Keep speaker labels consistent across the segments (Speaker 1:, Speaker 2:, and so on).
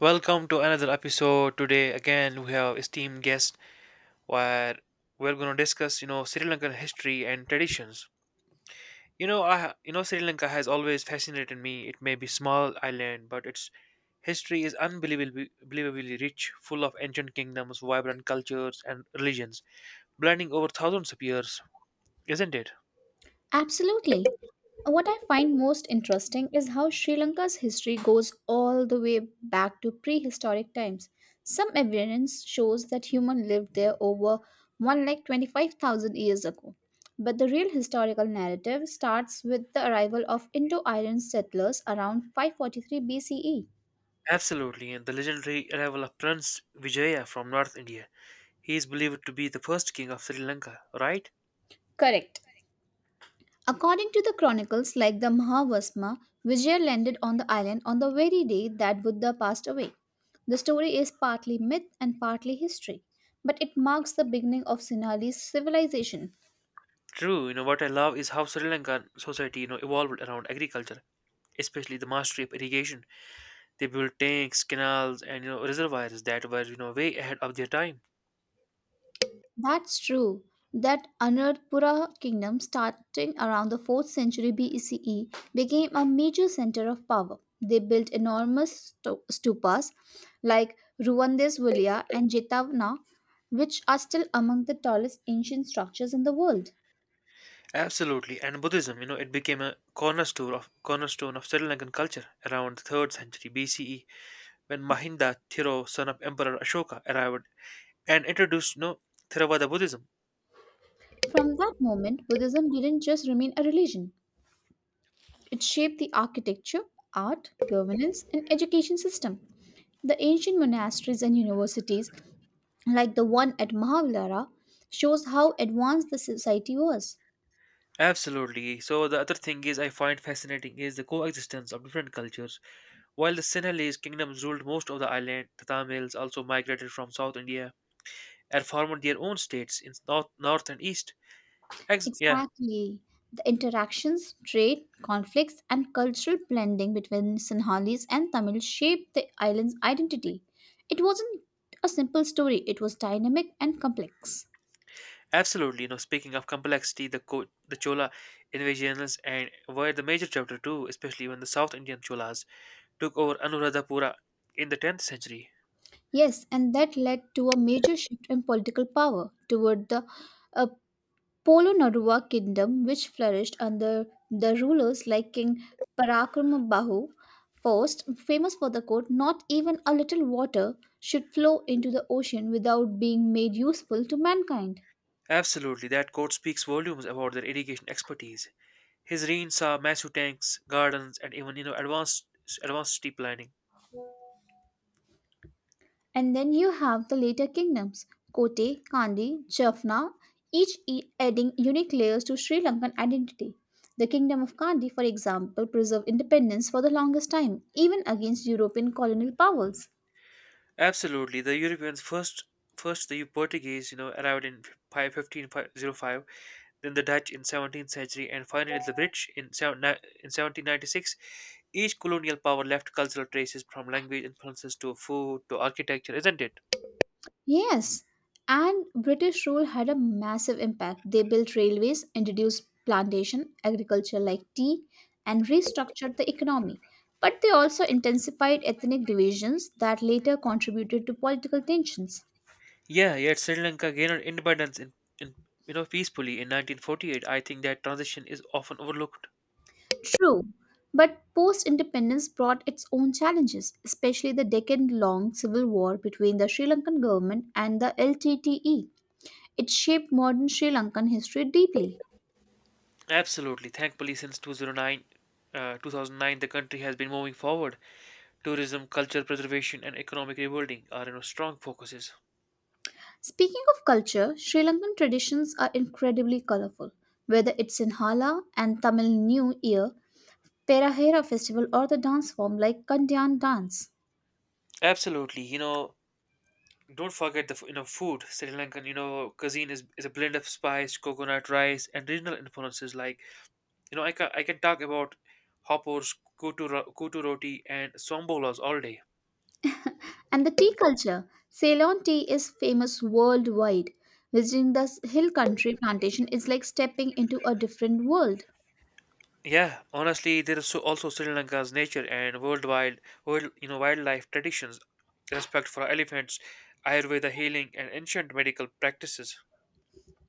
Speaker 1: Welcome to another episode. Today again we have esteemed guest where we're going to discuss, Sri Lankan history and traditions. You know, I you know Sri Lanka has always fascinated me. It may be small island, but its history is unbelievably rich, full of ancient kingdoms, vibrant cultures and religions, blending over thousands of years, isn't it?
Speaker 2: Absolutely. What I find most interesting is how Sri Lanka's history goes all the way back to prehistoric times. Some evidence shows that humans lived there over 1 like 25,000 years ago. But the real historical narrative starts with the arrival of Indo-Aryan settlers around 543 BCE.
Speaker 1: Absolutely, and the legendary arrival of Prince Vijaya from North India. He is believed to be the first king of Sri Lanka, right?
Speaker 2: Correct. According to the chronicles like the Mahavasma, Vijaya landed on the island on the very day that Buddha passed away. The story is partly myth and partly history, but it marks the beginning of Sinhalese civilization.
Speaker 1: True, you know what I love is how Sri Lankan society, evolved around agriculture, especially the mastery of irrigation. They built tanks, canals, and reservoirs that were way ahead of their time.
Speaker 2: That's true. That Anuradhapura kingdom, starting around the 4th century BCE, became a major center of power. They built enormous stupas like Ruvandesvulya and Jetavana, which are still among the tallest ancient structures in the world.
Speaker 1: Absolutely, and Buddhism, it became a cornerstone of Sri Lankan culture around the third century BCE when Mahinda Thiro, son of Emperor Ashoka, arrived and introduced Theravada Buddhism.
Speaker 2: From that moment, Buddhism didn't just remain a religion, it shaped the architecture, art, governance, and education system. The ancient monasteries and universities, like the one at Mahavilara, shows how advanced the society was.
Speaker 1: Absolutely. So the other thing is I find fascinating is the coexistence of different cultures. While the Sinhalese kingdoms ruled most of the island, the Tamils also migrated from South India and formed their own states in north and east. Yeah,
Speaker 2: Exactly. The interactions, trade, conflicts, and cultural blending between Sinhalese and Tamil shaped the island's identity. It wasn't a simple story, it was dynamic and complex.
Speaker 1: absolutely. Speaking of complexity, the Chola invasions and were the major chapter too, especially when the South Indian Cholas took over Anuradhapura in the 10th century.
Speaker 2: Yes, and that led to a major shift in political power toward the uh, Polo Narua kingdom, which flourished under the rulers like King Parakramabahu first, famous for the quote, "Not even a little water should flow into the ocean without being made useful to mankind."
Speaker 1: Absolutely, that quote speaks volumes about their irrigation expertise. His reign saw massive tanks, gardens, and even advanced city planning.
Speaker 2: And then you have the later kingdoms, Kote, Kandi, Jaffna, adding unique layers to Sri Lankan identity. The kingdom of Kandi, for example, preserved independence for the longest time, even against European colonial powers.
Speaker 1: Absolutely, the Europeans first the Portuguese, arrived in 1505, then the Dutch in 17th century, and finally the British in in 1796. Each colonial power left cultural traces from language influences to food to architecture, isn't it?
Speaker 2: Yes, and British rule had a massive impact. They built railways, introduced plantation agriculture like tea, and restructured the economy. But they also intensified ethnic divisions that later contributed to political tensions.
Speaker 1: Yeah, yet Sri Lanka gained independence in, in peacefully in 1948. I think that transition is often overlooked.
Speaker 2: True, but post independence brought its own challenges, especially the decade long civil war between the Sri Lankan government and the LTTE. It shaped modern Sri Lankan history deeply.
Speaker 1: Absolutely, thankfully since 2009 the country has been moving forward. Tourism, culture preservation, and economic rebuilding are strong focuses.
Speaker 2: Speaking of culture, Sri Lankan traditions are incredibly colorful. Whether it's in Hala and Tamil New Year, Perahera festival, or the dance form like Kandyan dance.
Speaker 1: Absolutely, don't forget the food. Sri Lankan cuisine is a blend of spice, coconut, rice, and regional influences. Like I can talk about hoppers, kutu roti, and sombolas all day.
Speaker 2: And the tea culture, Ceylon tea is famous worldwide. Visiting the hill country plantation is like stepping into a different world.
Speaker 1: Yeah, honestly, there is so also Sri Lanka's nature and world wildlife traditions, respect for elephants, Ayurveda healing, and ancient medical practices.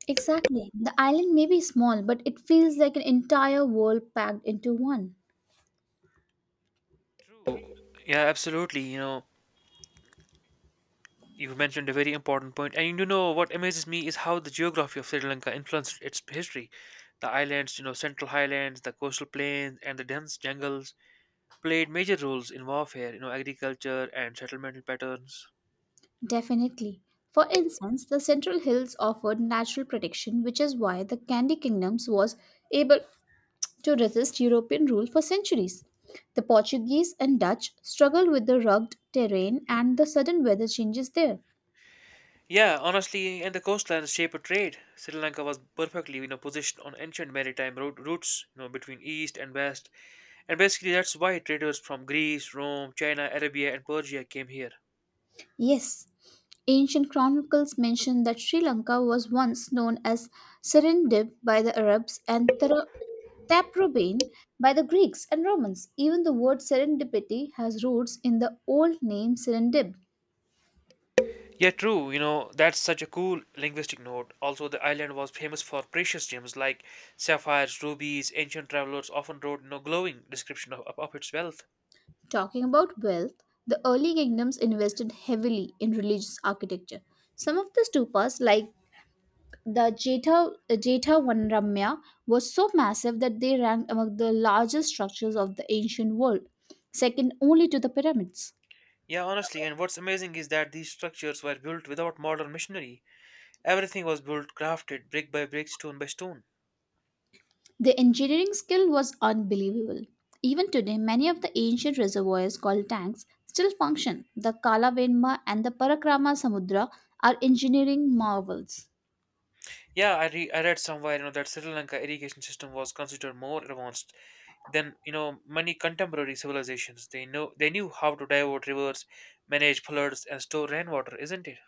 Speaker 2: Exactly. The island may be small, but it feels like an entire world packed into one.
Speaker 1: True. Yeah, absolutely. You mentioned a very important point, and you know what amazes me is how the geography of Sri Lanka influenced its history. The islands, central highlands, the coastal plains, and the dense jungles played major roles in warfare, agriculture and settlement patterns.
Speaker 2: Definitely. For instance, the Central Hills offered natural protection, which is why the Candy Kingdoms was able to resist European rule for centuries. The Portuguese and Dutch struggled with the rugged terrain and the sudden weather changes there.
Speaker 1: Yeah, honestly, and the coastlands shaped trade. Sri Lanka was perfectly, positioned on ancient maritime routes, between east and west, and basically that's why traders from Greece, Rome, China, Arabia, and Persia came here.
Speaker 2: Yes, ancient chronicles mention that Sri Lanka was once known as Serendib by the Arabs and Taprobane by the Greeks and Romans. Even the word serendipity has roots in the old name Serendib.
Speaker 1: Yeah, true. That's such a cool linguistic note. Also, the island was famous for precious gems like sapphires, rubies. Ancient travelers often wrote no glowing description of its wealth.
Speaker 2: Talking about wealth, the early kingdoms invested heavily in religious architecture. Some of the stupas, like the Jetha Vanramya, was so massive that they ranked among the largest structures of the ancient world, second only to the pyramids.
Speaker 1: Yeah, honestly, and what's amazing is that these structures were built without modern machinery. Everything was built, crafted, brick by brick, stone by stone.
Speaker 2: The engineering skill was unbelievable. Even today, many of the ancient reservoirs called tanks still function. The Kalavenma and the Parakrama Samudra are engineering marvels.
Speaker 1: Yeah, I read somewhere, that Sri Lanka irrigation system was considered more advanced than, many contemporary civilizations. They knew how to divert rivers, manage floods, and store rainwater, isn't it?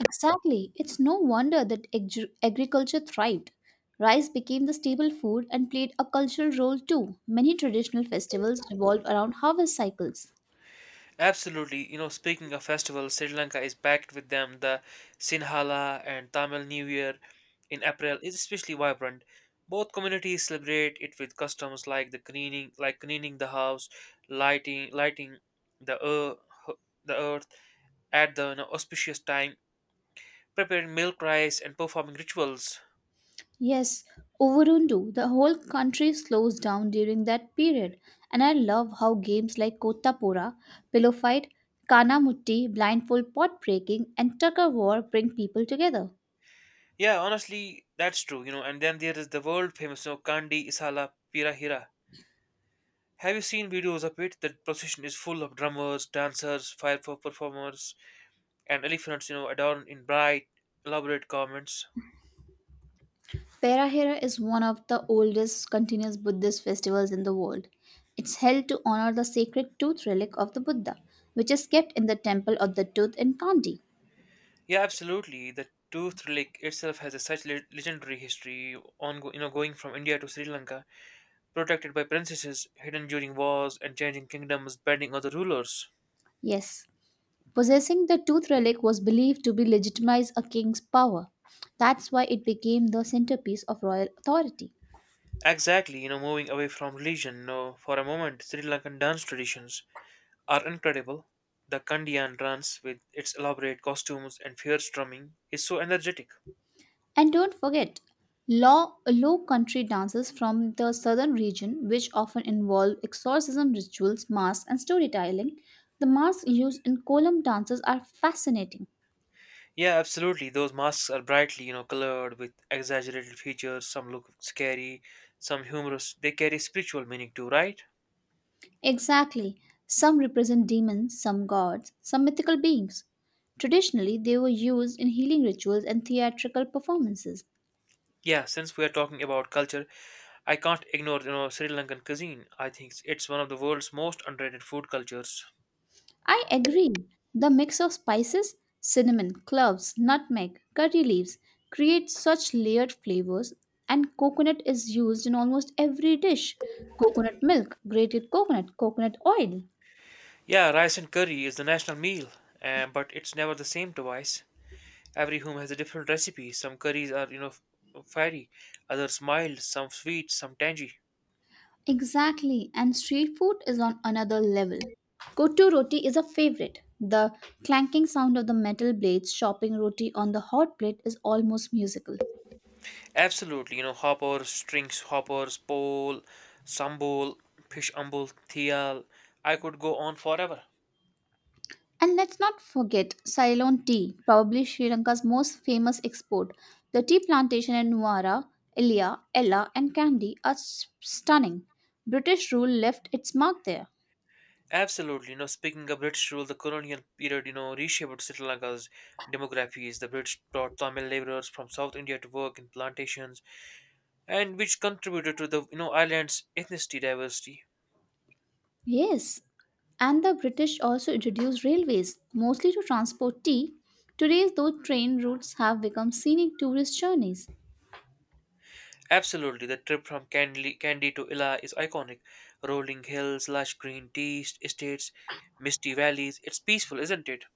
Speaker 2: Exactly. It's no wonder that agriculture thrived. Rice became the staple food and played a cultural role too. Many traditional festivals revolve around harvest cycles.
Speaker 1: Absolutely. Speaking of festivals, Sri Lanka is packed with them. The Sinhala and Tamil New Year in April is especially vibrant. Both communities celebrate it with customs like cleaning the house, lighting the earth, the earth at the auspicious time, preparing milk rice, and performing rituals.
Speaker 2: Yes, Overundu, the whole country slows down during that period, and I love how games like Kota Pillow Fight, Kana Mutti, Blindfold Pot Breaking, and Tucker War bring people together.
Speaker 1: Yeah, honestly, that's true. And then there is the world famous Kandi Isala Pirahira. Have you seen videos of it? The procession is full of drummers, dancers, fire performers, and elephants, adorned in bright, elaborate garments.
Speaker 2: Perahera is one of the oldest continuous Buddhist festivals in the world. It's held to honor the sacred tooth relic of the Buddha, which is kept in the Temple of the Tooth in Kandy.
Speaker 1: Yeah, absolutely. The tooth relic itself has a such legendary history, on going from India to Sri Lanka, protected by princesses, hidden during wars, and changing kingdoms, bending other rulers.
Speaker 2: Yes, possessing the tooth relic was believed to be legitimize a king's power. That's why it became the centerpiece of royal authority.
Speaker 1: Exactly, moving away from religion, for a moment, Sri Lankan dance traditions are incredible. The Kandiyan dance with its elaborate costumes and fierce drumming is so energetic.
Speaker 2: And don't forget, low country dances from the southern region, which often involve exorcism rituals, masks, and storytelling. The masks used in Kolam dances are fascinating.
Speaker 1: Yeah, absolutely. Those masks are brightly, colored with exaggerated features. Some look scary, some humorous. They carry spiritual meaning too, right?
Speaker 2: Exactly. Some represent demons, some gods, some mythical beings. Traditionally, they were used in healing rituals and theatrical performances.
Speaker 1: Yeah, since we are talking about culture, I can't ignore, Sri Lankan cuisine. I think it's one of the world's most underrated food cultures.
Speaker 2: I agree. The mix of spices, cinnamon, cloves, nutmeg, curry leaves creates such layered flavors, and coconut is used in almost every dish. Coconut milk, grated coconut, coconut oil.
Speaker 1: Yeah, rice and curry is the national meal, but it's never the same twice. Every home has a different recipe. Some curries are, fiery, others mild, some sweet, some tangy.
Speaker 2: Exactly, and street food is on another level. Kotu roti is a favorite. The clanking sound of the metal blades chopping roti on the hot plate is almost musical.
Speaker 1: Absolutely, hoppers, strings hoppers, pole, sambol, fish umbol, thial. I could go on forever.
Speaker 2: And let's not forget Ceylon tea, probably Sri Lanka's most famous export. The tea plantation in Nuwara, Ilia, Ella, and Kandy are stunning. British rule left its mark there.
Speaker 1: Absolutely, speaking of British rule, the colonial period, reshaped Sri Lanka's demographies. The British brought Tamil laborers from South India to work in plantations, and which contributed to the, island's ethnicity diversity.
Speaker 2: Yes, and the British also introduced railways, mostly to transport tea. Today, those train routes have become scenic tourist journeys.
Speaker 1: Absolutely, the trip from Candy to Ila is iconic. Rolling hills, lush green tea estates, misty valleys. It's peaceful, isn't it?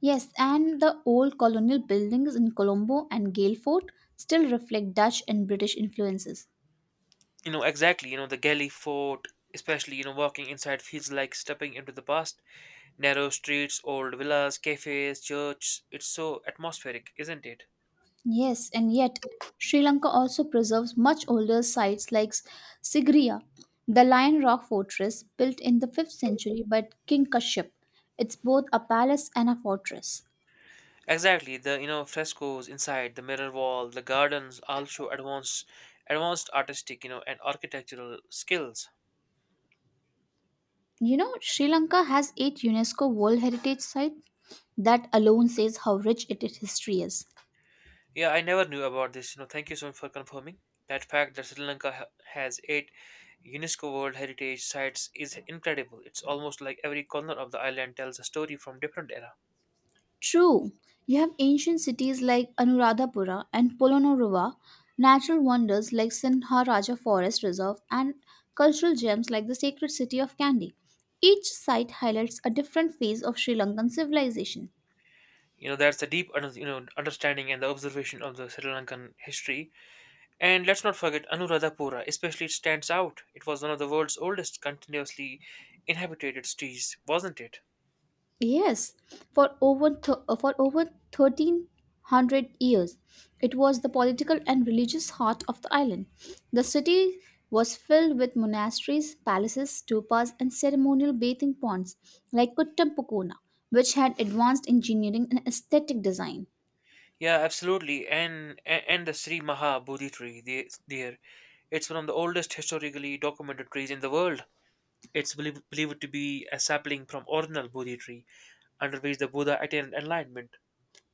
Speaker 2: Yes, and the old colonial buildings in Colombo and Gale Fort still reflect Dutch and British influences.
Speaker 1: Exactly. The Galley Fort, especially, walking inside feels like stepping into the past. Narrow streets, old villas, cafes, church. It's so atmospheric, isn't it?
Speaker 2: Yes, and yet Sri Lanka also preserves much older sites like Sigiriya, the Lion Rock Fortress built in the 5th century by King Kashyap. It's both a palace and a fortress.
Speaker 1: Exactly. The frescoes inside, the mirror wall, the gardens all show advanced artistic, and architectural skills.
Speaker 2: You know, Sri Lanka has 8 UNESCO World Heritage Sites. That alone says how rich its history is.
Speaker 1: Yeah, I never knew about this. Thank you so much for confirming that fact that Sri Lanka has eight UNESCO World Heritage sites is incredible. It's almost like every corner of the island tells a story from different era.
Speaker 2: True, you have ancient cities like Anuradhapura and Polonnaruwa, natural wonders like Sinharaja Forest Reserve, and cultural gems like the sacred city of Kandy. Each site highlights a different phase of Sri Lankan civilization.
Speaker 1: That's the deep, understanding and the observation of the Sri Lankan history. And let's not forget Anuradhapura, especially it stands out. It was one of the world's oldest continuously inhabited cities, wasn't it?
Speaker 2: Yes, for for over 1300 years, it was the political and religious heart of the island. The city was filled with monasteries, palaces, stupas, and ceremonial bathing ponds like Kuttampukona, which had advanced engineering and aesthetic design.
Speaker 1: Yeah, absolutely. And and the Sri Maha Bodhi tree there, it's one of the oldest historically documented trees in the world. It's believed to be a sapling from original Bodhi tree, under which the Buddha attained enlightenment.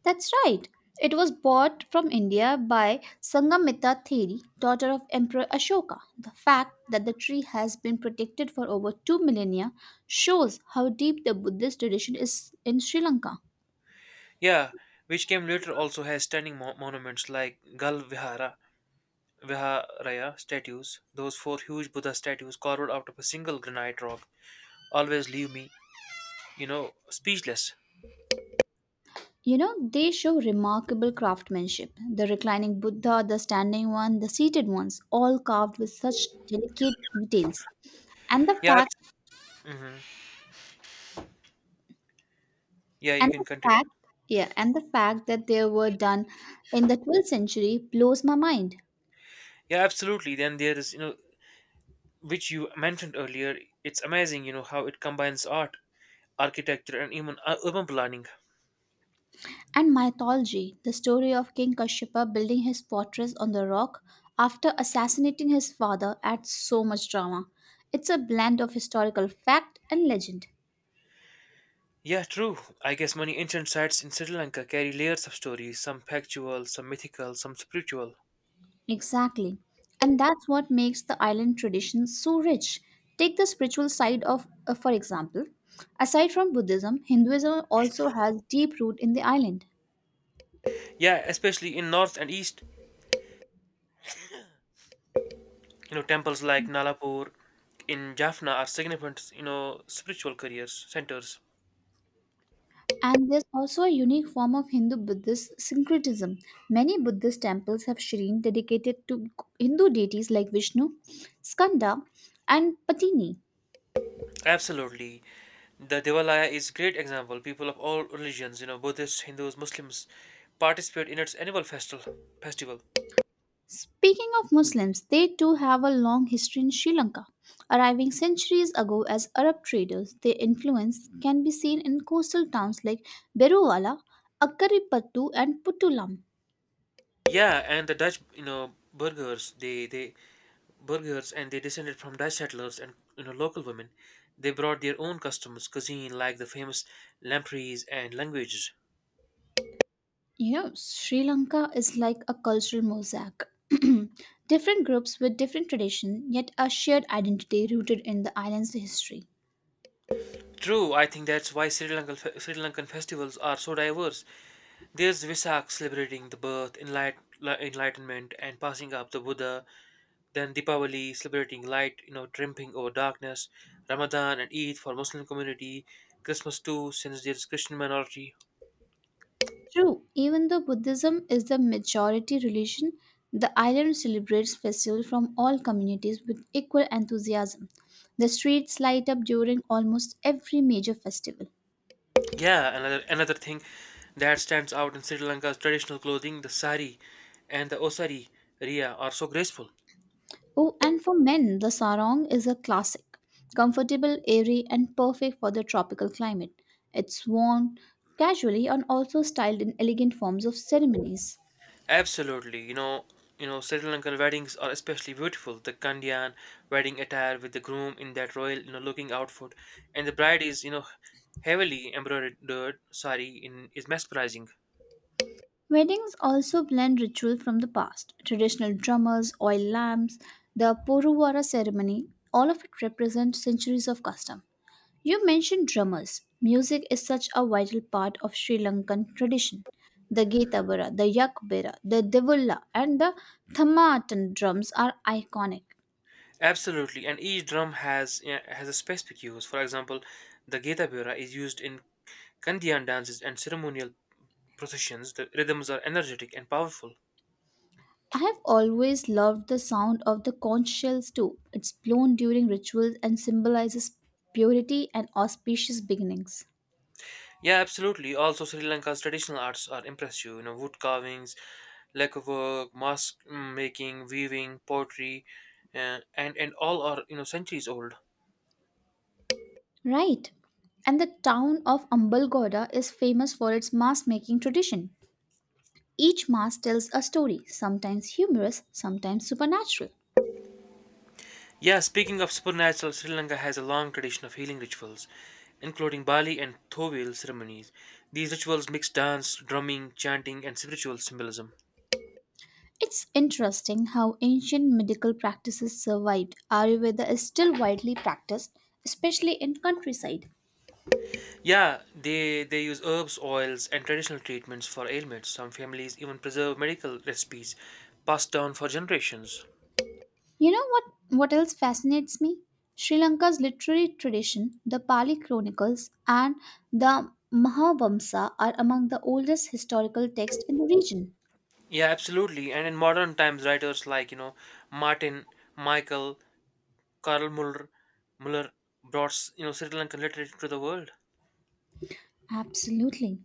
Speaker 2: That's right. It was bought from India by Sangamita Theri, daughter of Emperor Ashoka. The fact that the tree has been protected for over two millennia shows how deep the Buddhist tradition is in Sri Lanka.
Speaker 1: Yeah, which came later also has standing monuments like Gal Vihara, Viharaya statues. Those four huge Buddha statues carved out of a single granite rock always leave me, speechless.
Speaker 2: You know, they show remarkable craftsmanship. The reclining Buddha, the standing one, the seated ones, all carved with such delicate details. And the
Speaker 1: Yeah,
Speaker 2: fact
Speaker 1: mhm. Yeah, you
Speaker 2: and
Speaker 1: can
Speaker 2: the
Speaker 1: continue.
Speaker 2: fact yeah, and the fact that they were done in the 12th century blows my mind.
Speaker 1: Yeah, absolutely. Then there is, which you mentioned earlier, it's amazing, how it combines art, architecture, and even urban planning.
Speaker 2: And mythology, the story of King Kashyapa building his fortress on the rock after assassinating his father, adds so much drama. It's a blend of historical fact and legend.
Speaker 1: Yeah, true. I guess many ancient sites in Sri Lanka carry layers of stories, some factual, some mythical, some spiritual.
Speaker 2: Exactly. And that's what makes the island tradition so rich. Take the spiritual side of, for example, aside from Buddhism, Hinduism also has deep root in the island.
Speaker 1: Yeah, especially in north and east, temples like Nalapur in Jaffna are significant, spiritual careers centers.
Speaker 2: And there's also a unique form of Hindu Buddhist syncretism. Many Buddhist temples have shrine dedicated to Hindu deities like Vishnu, Skanda, and Patini.
Speaker 1: Absolutely. The Devalaya is great example. People of all religions, Buddhists, Hindus, Muslims, participate in its annual festival. Festival.
Speaker 2: Speaking of Muslims, they too have a long history in Sri Lanka. Arriving centuries ago as Arab traders, their influence can be seen in coastal towns like Beruwala, Akkaripattu, and Putulam.
Speaker 1: Yeah, and the Dutch, burgers, they burgers, and they descended from Dutch settlers and local women. They brought their own customs, cuisine, like the famous lampreys and languages.
Speaker 2: You know, Sri Lanka is like a cultural mosaic. Different groups with different tradition, yet a shared identity rooted in the island's history.
Speaker 1: True, I think that's why Sri Lankan festivals are so diverse. There's Visak celebrating the birth, enlightenment, and passing up the Buddha. Then Deepavali celebrating light, triumphing over darkness. Ramadan and Eid for Muslim community. Christmas too, since there's Christian minority.
Speaker 2: True, even though Buddhism is the majority religion, the island celebrates festivals from all communities with equal enthusiasm. The streets light up during almost every major festival.
Speaker 1: Yeah, another thing that stands out in Sri Lanka's traditional clothing, the sari and the osari ria, are so graceful.
Speaker 2: Oh, and for men, the sarong is a classic, comfortable, airy, and perfect for the tropical climate. It's worn casually and also styled in elegant forms of ceremonies.
Speaker 1: Absolutely, Sri Lankan weddings are especially beautiful. The kandyan wedding attire with the groom in that royal, looking outfit, and the bride is, heavily embroidered sari in is mesmerizing.
Speaker 2: Weddings also blend ritual from the past traditional drummers, oil lamps, the Poruvara ceremony all of it represents centuries of custom. You mentioned drummers. Music is such a vital part of Sri Lankan tradition. The Getabara, the Yakbera, the Devulla, and the thamatan drums are iconic.
Speaker 1: Absolutely, and each drum has a specific use. For example, the geta bura is used in Kandyan dances and ceremonial processions, the rhythms are energetic and powerful.
Speaker 2: I have always loved the sound of the conch shells too. It's blown during rituals and symbolizes purity and auspicious beginnings.
Speaker 1: Yeah, absolutely. Also, Sri Lanka's traditional arts are impressive. Wood carvings, lacquer work, mask making, weaving, pottery, and all are centuries old.
Speaker 2: Right. And the town of Ambalgoda is famous for its mass making tradition. Each mass tells a story, sometimes humorous, sometimes supernatural.
Speaker 1: Yeah, speaking of supernatural, Sri Lanka has a long tradition of healing rituals, including Bali and Thovil ceremonies. These rituals mix dance, drumming, chanting, and spiritual symbolism.
Speaker 2: It's interesting how ancient medical practices survived. Ayurveda is still widely practiced, especially in countryside.
Speaker 1: Yeah, they use herbs, oils, and traditional treatments for ailments. Some families even preserve medical recipes passed down for generations.
Speaker 2: You know what else fascinates me? Sri Lanka's literary tradition, the Pali Chronicles and the Mahavamsa are among the oldest historical texts in the region.
Speaker 1: Yeah, absolutely. And in modern times, writers like Martin, Michael, Karl Muller brought Sri Lankan literature to the world.
Speaker 2: Absolutely.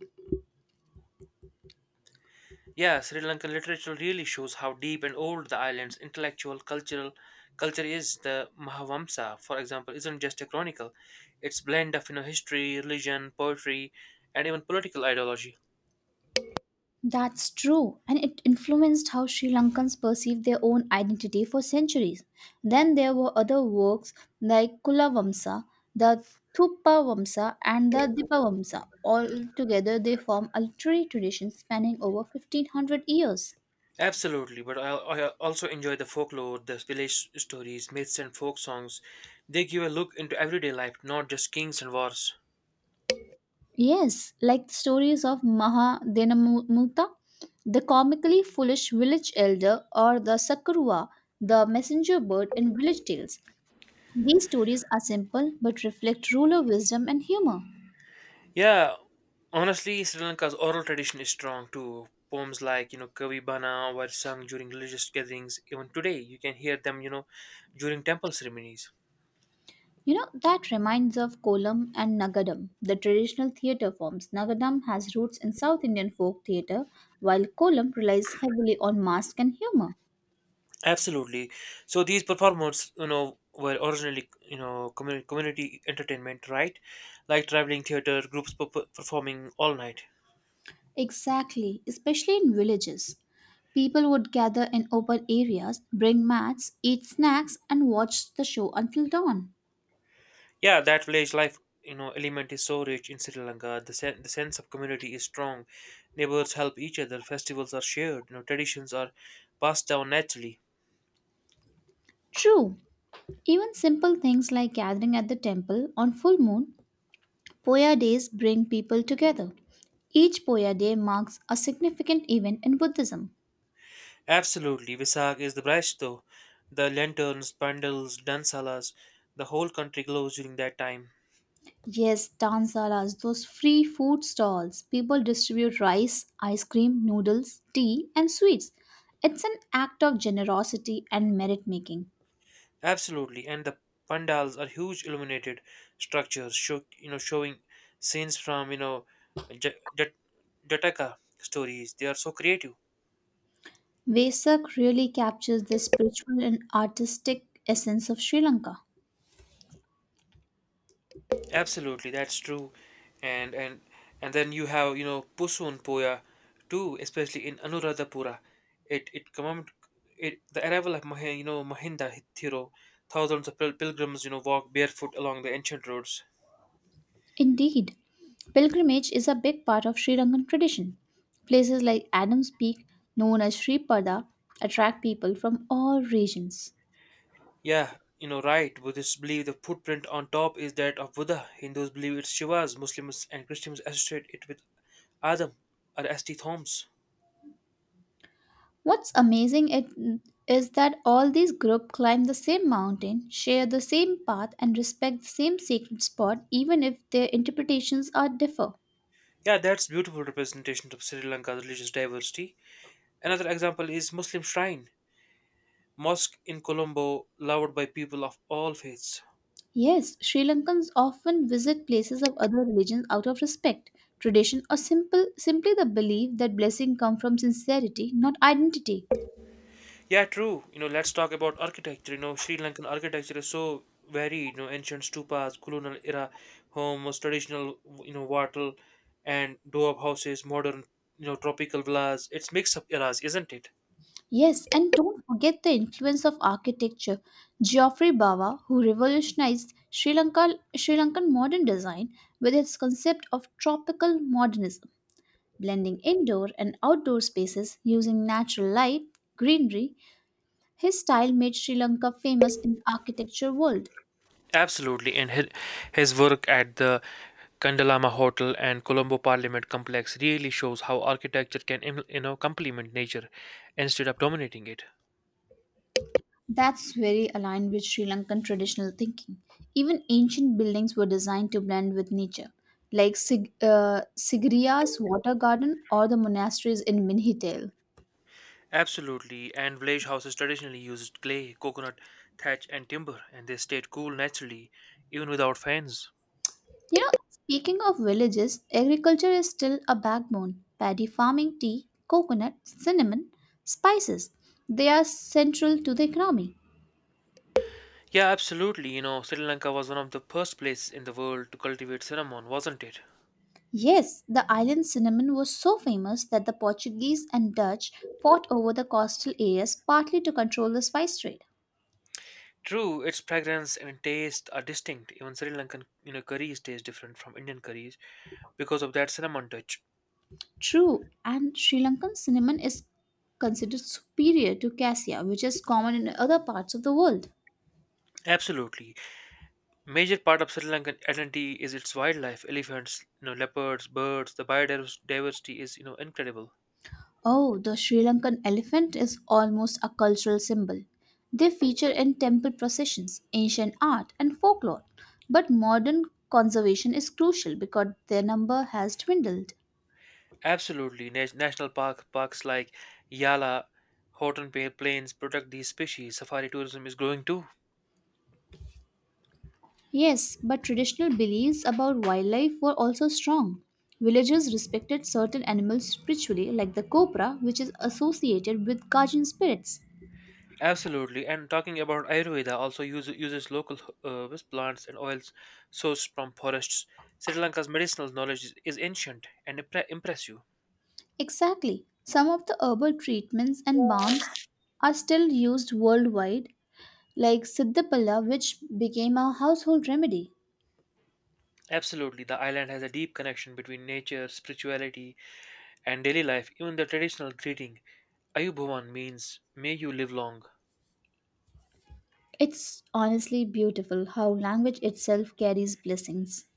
Speaker 1: Yeah, Sri Lankan literature really shows how deep and old the island's intellectual cultural culture is. The Mahavamsa, for example, isn't just a chronicle; it's blend of history, religion, poetry, and even political ideology.
Speaker 2: That's true, and it influenced how Sri Lankans perceived their own identity for centuries. Then there were other works like Kula Vamsa, the Thuppa Vamsa, and the Dipa Vamsa. All together, they form a literary tradition spanning over 1500 years.
Speaker 1: Absolutely, but I also enjoy the folklore, the village stories, myths, and folk songs. They give a look into everyday life, not just kings and wars.
Speaker 2: Yes, like the stories of Maha Dinamutha, the comically foolish village elder, or the Sakurwa, the messenger bird in village tales. These stories are simple but reflect ruler wisdom and humor.
Speaker 1: Yeah, honestly, Sri Lanka's oral tradition is strong too. Poems like, Kavi Bana were sung during religious gatherings. Even today, you can hear them, during temple ceremonies.
Speaker 2: You know, that reminds of Kolam and Nagadam, the traditional theatre forms. Nagadam has roots in South Indian folk theatre, while Kolam relies heavily on mask and humor.
Speaker 1: Absolutely. So these performers, were originally, community entertainment, right? Like traveling theater, groups performing all night.
Speaker 2: Exactly, especially in villages. People would gather in open areas, bring mats, eat snacks, and watch the show until dawn.
Speaker 1: Yeah, that village life, element is so rich in Sri Lanka. The sense of community is strong. Neighbors help each other. Festivals are shared. Traditions are passed down naturally.
Speaker 2: True, even simple things like gathering at the temple on full moon Poya days bring people together. Each Poya day marks a significant event in Buddhism.
Speaker 1: Absolutely, Visak is the best though. The lanterns, pandals, dansalas, the whole country glows during that time.
Speaker 2: Yes, dansalas, those free food stalls. People distribute rice, ice cream, noodles, tea, and sweets. It's an act of generosity and merit making.
Speaker 1: Absolutely, and the pandals are huge illuminated structures, showing scenes from J- Jat- Jataka stories. They are so creative.
Speaker 2: Vesak really captures the spiritual and artistic essence of Sri Lanka.
Speaker 1: Absolutely, that's true. And and and then you have, Pusun Poya too, especially in Anuradhapura. It it commem- it the arrival of Mah Mahinda Hithiro, thousands of pilgrims, walk barefoot along the ancient roads.
Speaker 2: Indeed, pilgrimage is a big part of Sri Lankan tradition. Places like Adams Peak, known as Sri Pada, attract people from all regions.
Speaker 1: Yeah, right. Buddhists believe the footprint on top is that of Buddha. Hindus believe it's Shiva's. Muslims and Christians associate it with Adam or St. Thomas.
Speaker 2: What's amazing is that all these groups climb the same mountain, share the same path, and respect the same sacred spot, even if their interpretations are differ.
Speaker 1: Yeah, that's beautiful representation of Sri Lanka's religious diversity. Another example is Muslim shrine. Mosque in Colombo loved by people of all faiths.
Speaker 2: Yes, Sri Lankans often visit places of other religions out of respect, tradition, or simple simply the belief that blessing come from sincerity, not identity.
Speaker 1: Yeah, true. Let's talk about architecture. Sri Lankan architecture is so varied. Ancient stupas, colonial era homes, traditional wattle and doab houses, modern tropical villas. It's mix of eras, isn't it?
Speaker 2: Yes, and don't forget the influence of architecture. Geoffrey Bawa, who revolutionized Sri Lankan modern design with its concept of tropical modernism, blending indoor and outdoor spaces using natural light, greenery, his style made Sri Lanka famous in the architecture world.
Speaker 1: Absolutely, and his work at the Kandalama Hotel and Colombo Parliament Complex really shows how architecture can complement nature instead of dominating it.
Speaker 2: That's very aligned with Sri Lankan traditional thinking. Even ancient buildings were designed to blend with nature, like Sigiriya's water garden or the monasteries in Minhitel.
Speaker 1: Absolutely, and village houses traditionally used clay, coconut, thatch, and timber, and they stayed cool naturally, even without fans.
Speaker 2: You know, speaking of villages, agriculture is still a backbone. Paddy farming, tea, coconut, cinnamon, spices. They are central to the economy.
Speaker 1: Yeah, absolutely. Sri Lanka was one of the first places in the world to cultivate cinnamon, wasn't it?
Speaker 2: Yes, the island cinnamon was so famous that the Portuguese and Dutch fought over the coastal areas partly to control the spice trade.
Speaker 1: True, its fragrance and taste are distinct. Even Sri Lankan, curries taste different from Indian curries because of that cinnamon touch.
Speaker 2: True, and Sri Lankan cinnamon is considered superior to cassia, which is common in other parts of the world.
Speaker 1: Absolutely. Major part of Sri Lankan identity is its wildlife, elephants, leopards, birds. The biodiversity is, incredible.
Speaker 2: Oh, the Sri Lankan elephant is almost a cultural symbol. They feature in temple processions, ancient art, and folklore. But modern conservation is crucial because their number has dwindled.
Speaker 1: Absolutely. National parks like Yala, Horton Plains protect these species. Safari tourism is growing too.
Speaker 2: Yes, but traditional beliefs about wildlife were also strong. Villagers respected certain animals spiritually, like the cobra, which is associated with guardian spirits.
Speaker 1: Absolutely. And talking about Ayurveda, also uses local herbs, plants, and oils sourced from forests. Sri Lanka's medicinal knowledge is ancient and impress you.
Speaker 2: Exactly. Some of the herbal treatments and balms are still used worldwide, like Siddhapala, which became a household remedy.
Speaker 1: Absolutely. The island has a deep connection between nature, spirituality, and daily life. Even the traditional greeting, Ayubhuvan, means may you live long.
Speaker 2: It's honestly beautiful how language itself carries blessings.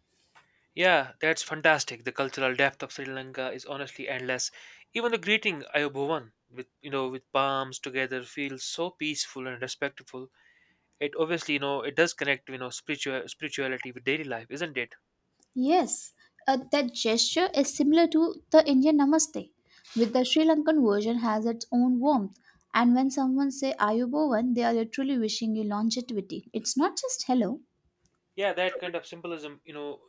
Speaker 1: Yeah, that's fantastic. The cultural depth of Sri Lanka is honestly endless. Even the greeting Ayobhavan with with palms together feels so peaceful and respectful. It obviously it does connect spirituality with daily life, isn't it?
Speaker 2: Yes, that gesture is similar to the Indian Namaste, with the Sri Lankan version has its own warmth. And when someone say Ayubovan, they are literally wishing you longevity. It's not just hello.
Speaker 1: Yeah, that kind of symbolism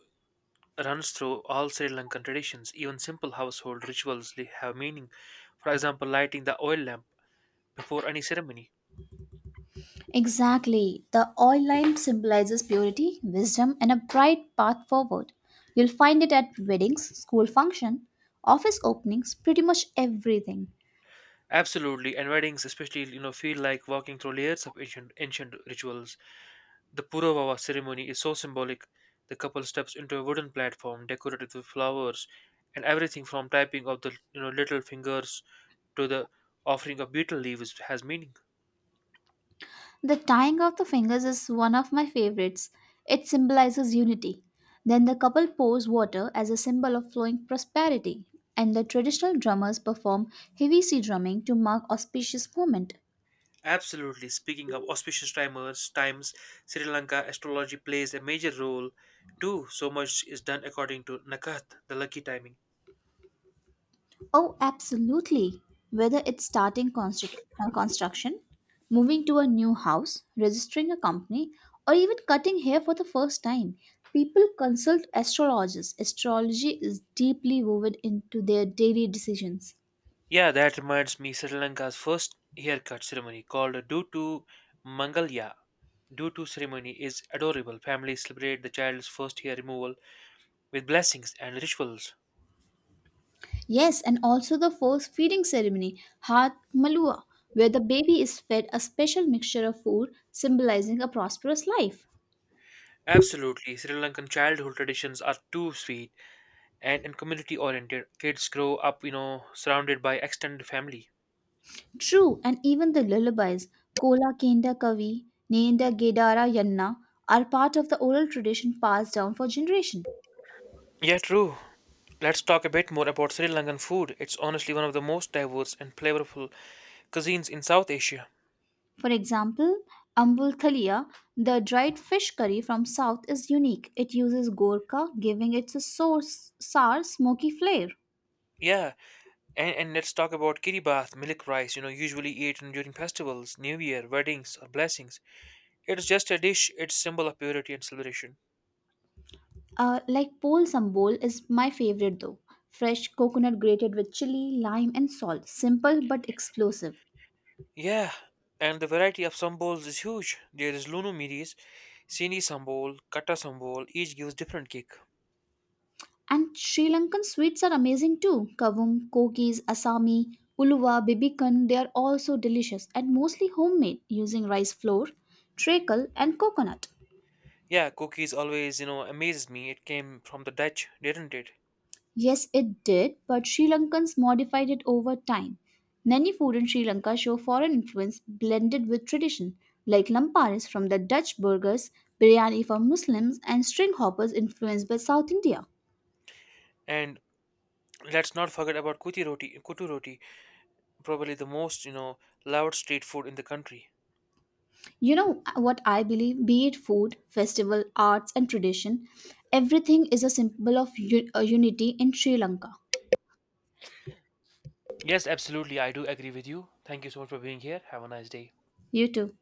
Speaker 1: runs through all Sri Lankan traditions. Even simple household rituals have meaning. For example, lighting the oil lamp before any ceremony.
Speaker 2: Exactly. The oil lamp symbolizes purity, wisdom, and a bright path forward. You'll find it at weddings, school function, office openings, pretty much everything.
Speaker 1: Absolutely, and weddings especially feel like walking through layers of ancient rituals. The Purovawa ceremony is so symbolic. The couple steps into a wooden platform decorated with flowers, and everything from tapping of the little fingers to the offering of betel leaves has meaning.
Speaker 2: The tying of the fingers is one of my favorites. It symbolizes unity. Then the couple pours water as a symbol of flowing prosperity, and the traditional drummers perform heavy sea drumming to mark auspicious moment.
Speaker 1: Absolutely. Speaking of auspicious times, Sri Lanka astrology plays a major role too. So much is done according to Nakat, the lucky timing.
Speaker 2: Oh, absolutely. Whether it's starting construction, moving to a new house, registering a company, or even cutting hair for the first time, people consult astrologers. Astrology is deeply woven into their daily decisions.
Speaker 1: Yeah, that reminds me Sri Lanka's first haircut ceremony called Dutu Mangalya Due to ceremony is adorable. Families celebrate the child's first year removal with blessings and rituals.
Speaker 2: Yes, and also the first feeding ceremony, Hat Malua, where the baby is fed a special mixture of food symbolizing a prosperous life.
Speaker 1: Absolutely, Sri Lankan childhood traditions are too sweet and community oriented. Kids grow up, surrounded by extended family.
Speaker 2: True, and even the lullabies, Kola Kenda Kavi, Nenda Gedara Yanna, are part of the oral tradition passed down for generation.
Speaker 1: Yeah, true. Let's talk a bit more about Sri Lankan food. It's honestly one of the most diverse and flavorful cuisines in South Asia.
Speaker 2: For example, Ambul Thalia, the dried fish curry from South, is unique. It uses Gorka, giving it a source, sour, smoky flair.
Speaker 1: Yeah, and let's talk about kiribath, milk rice, usually eaten during festivals, New Year, weddings, or blessings. It's just a dish, it's symbol of purity and celebration.
Speaker 2: Like Pol Sambol is my favorite though. Fresh coconut grated with chili, lime, and salt. Simple but explosive.
Speaker 1: Yeah, and the variety of sambols is huge. There is Lunu Miris, Sini sambol, Kata sambol, each gives different kick.
Speaker 2: And Sri Lankan sweets are amazing too. Kavum, kokis, asami, uluva, bibikan, they are all so delicious and mostly homemade using rice flour, treacle, and coconut.
Speaker 1: Yeah, cookies always, amazes me. It came from the Dutch, didn't it?
Speaker 2: Yes, it did, but Sri Lankans modified it over time. Many food in Sri Lanka show foreign influence blended with tradition, like lamparis from the Dutch burgers, biryani for Muslims, and string hoppers influenced by South India.
Speaker 1: And let's not forget about kuti roti, kutu roti, probably the most, loved street food in the country.
Speaker 2: What I believe? Be it food, festival, arts, and tradition, everything is a symbol of unity in Sri Lanka.
Speaker 1: Yes, absolutely. I do agree with you. Thank you so much for being here. Have a nice day.
Speaker 2: You too.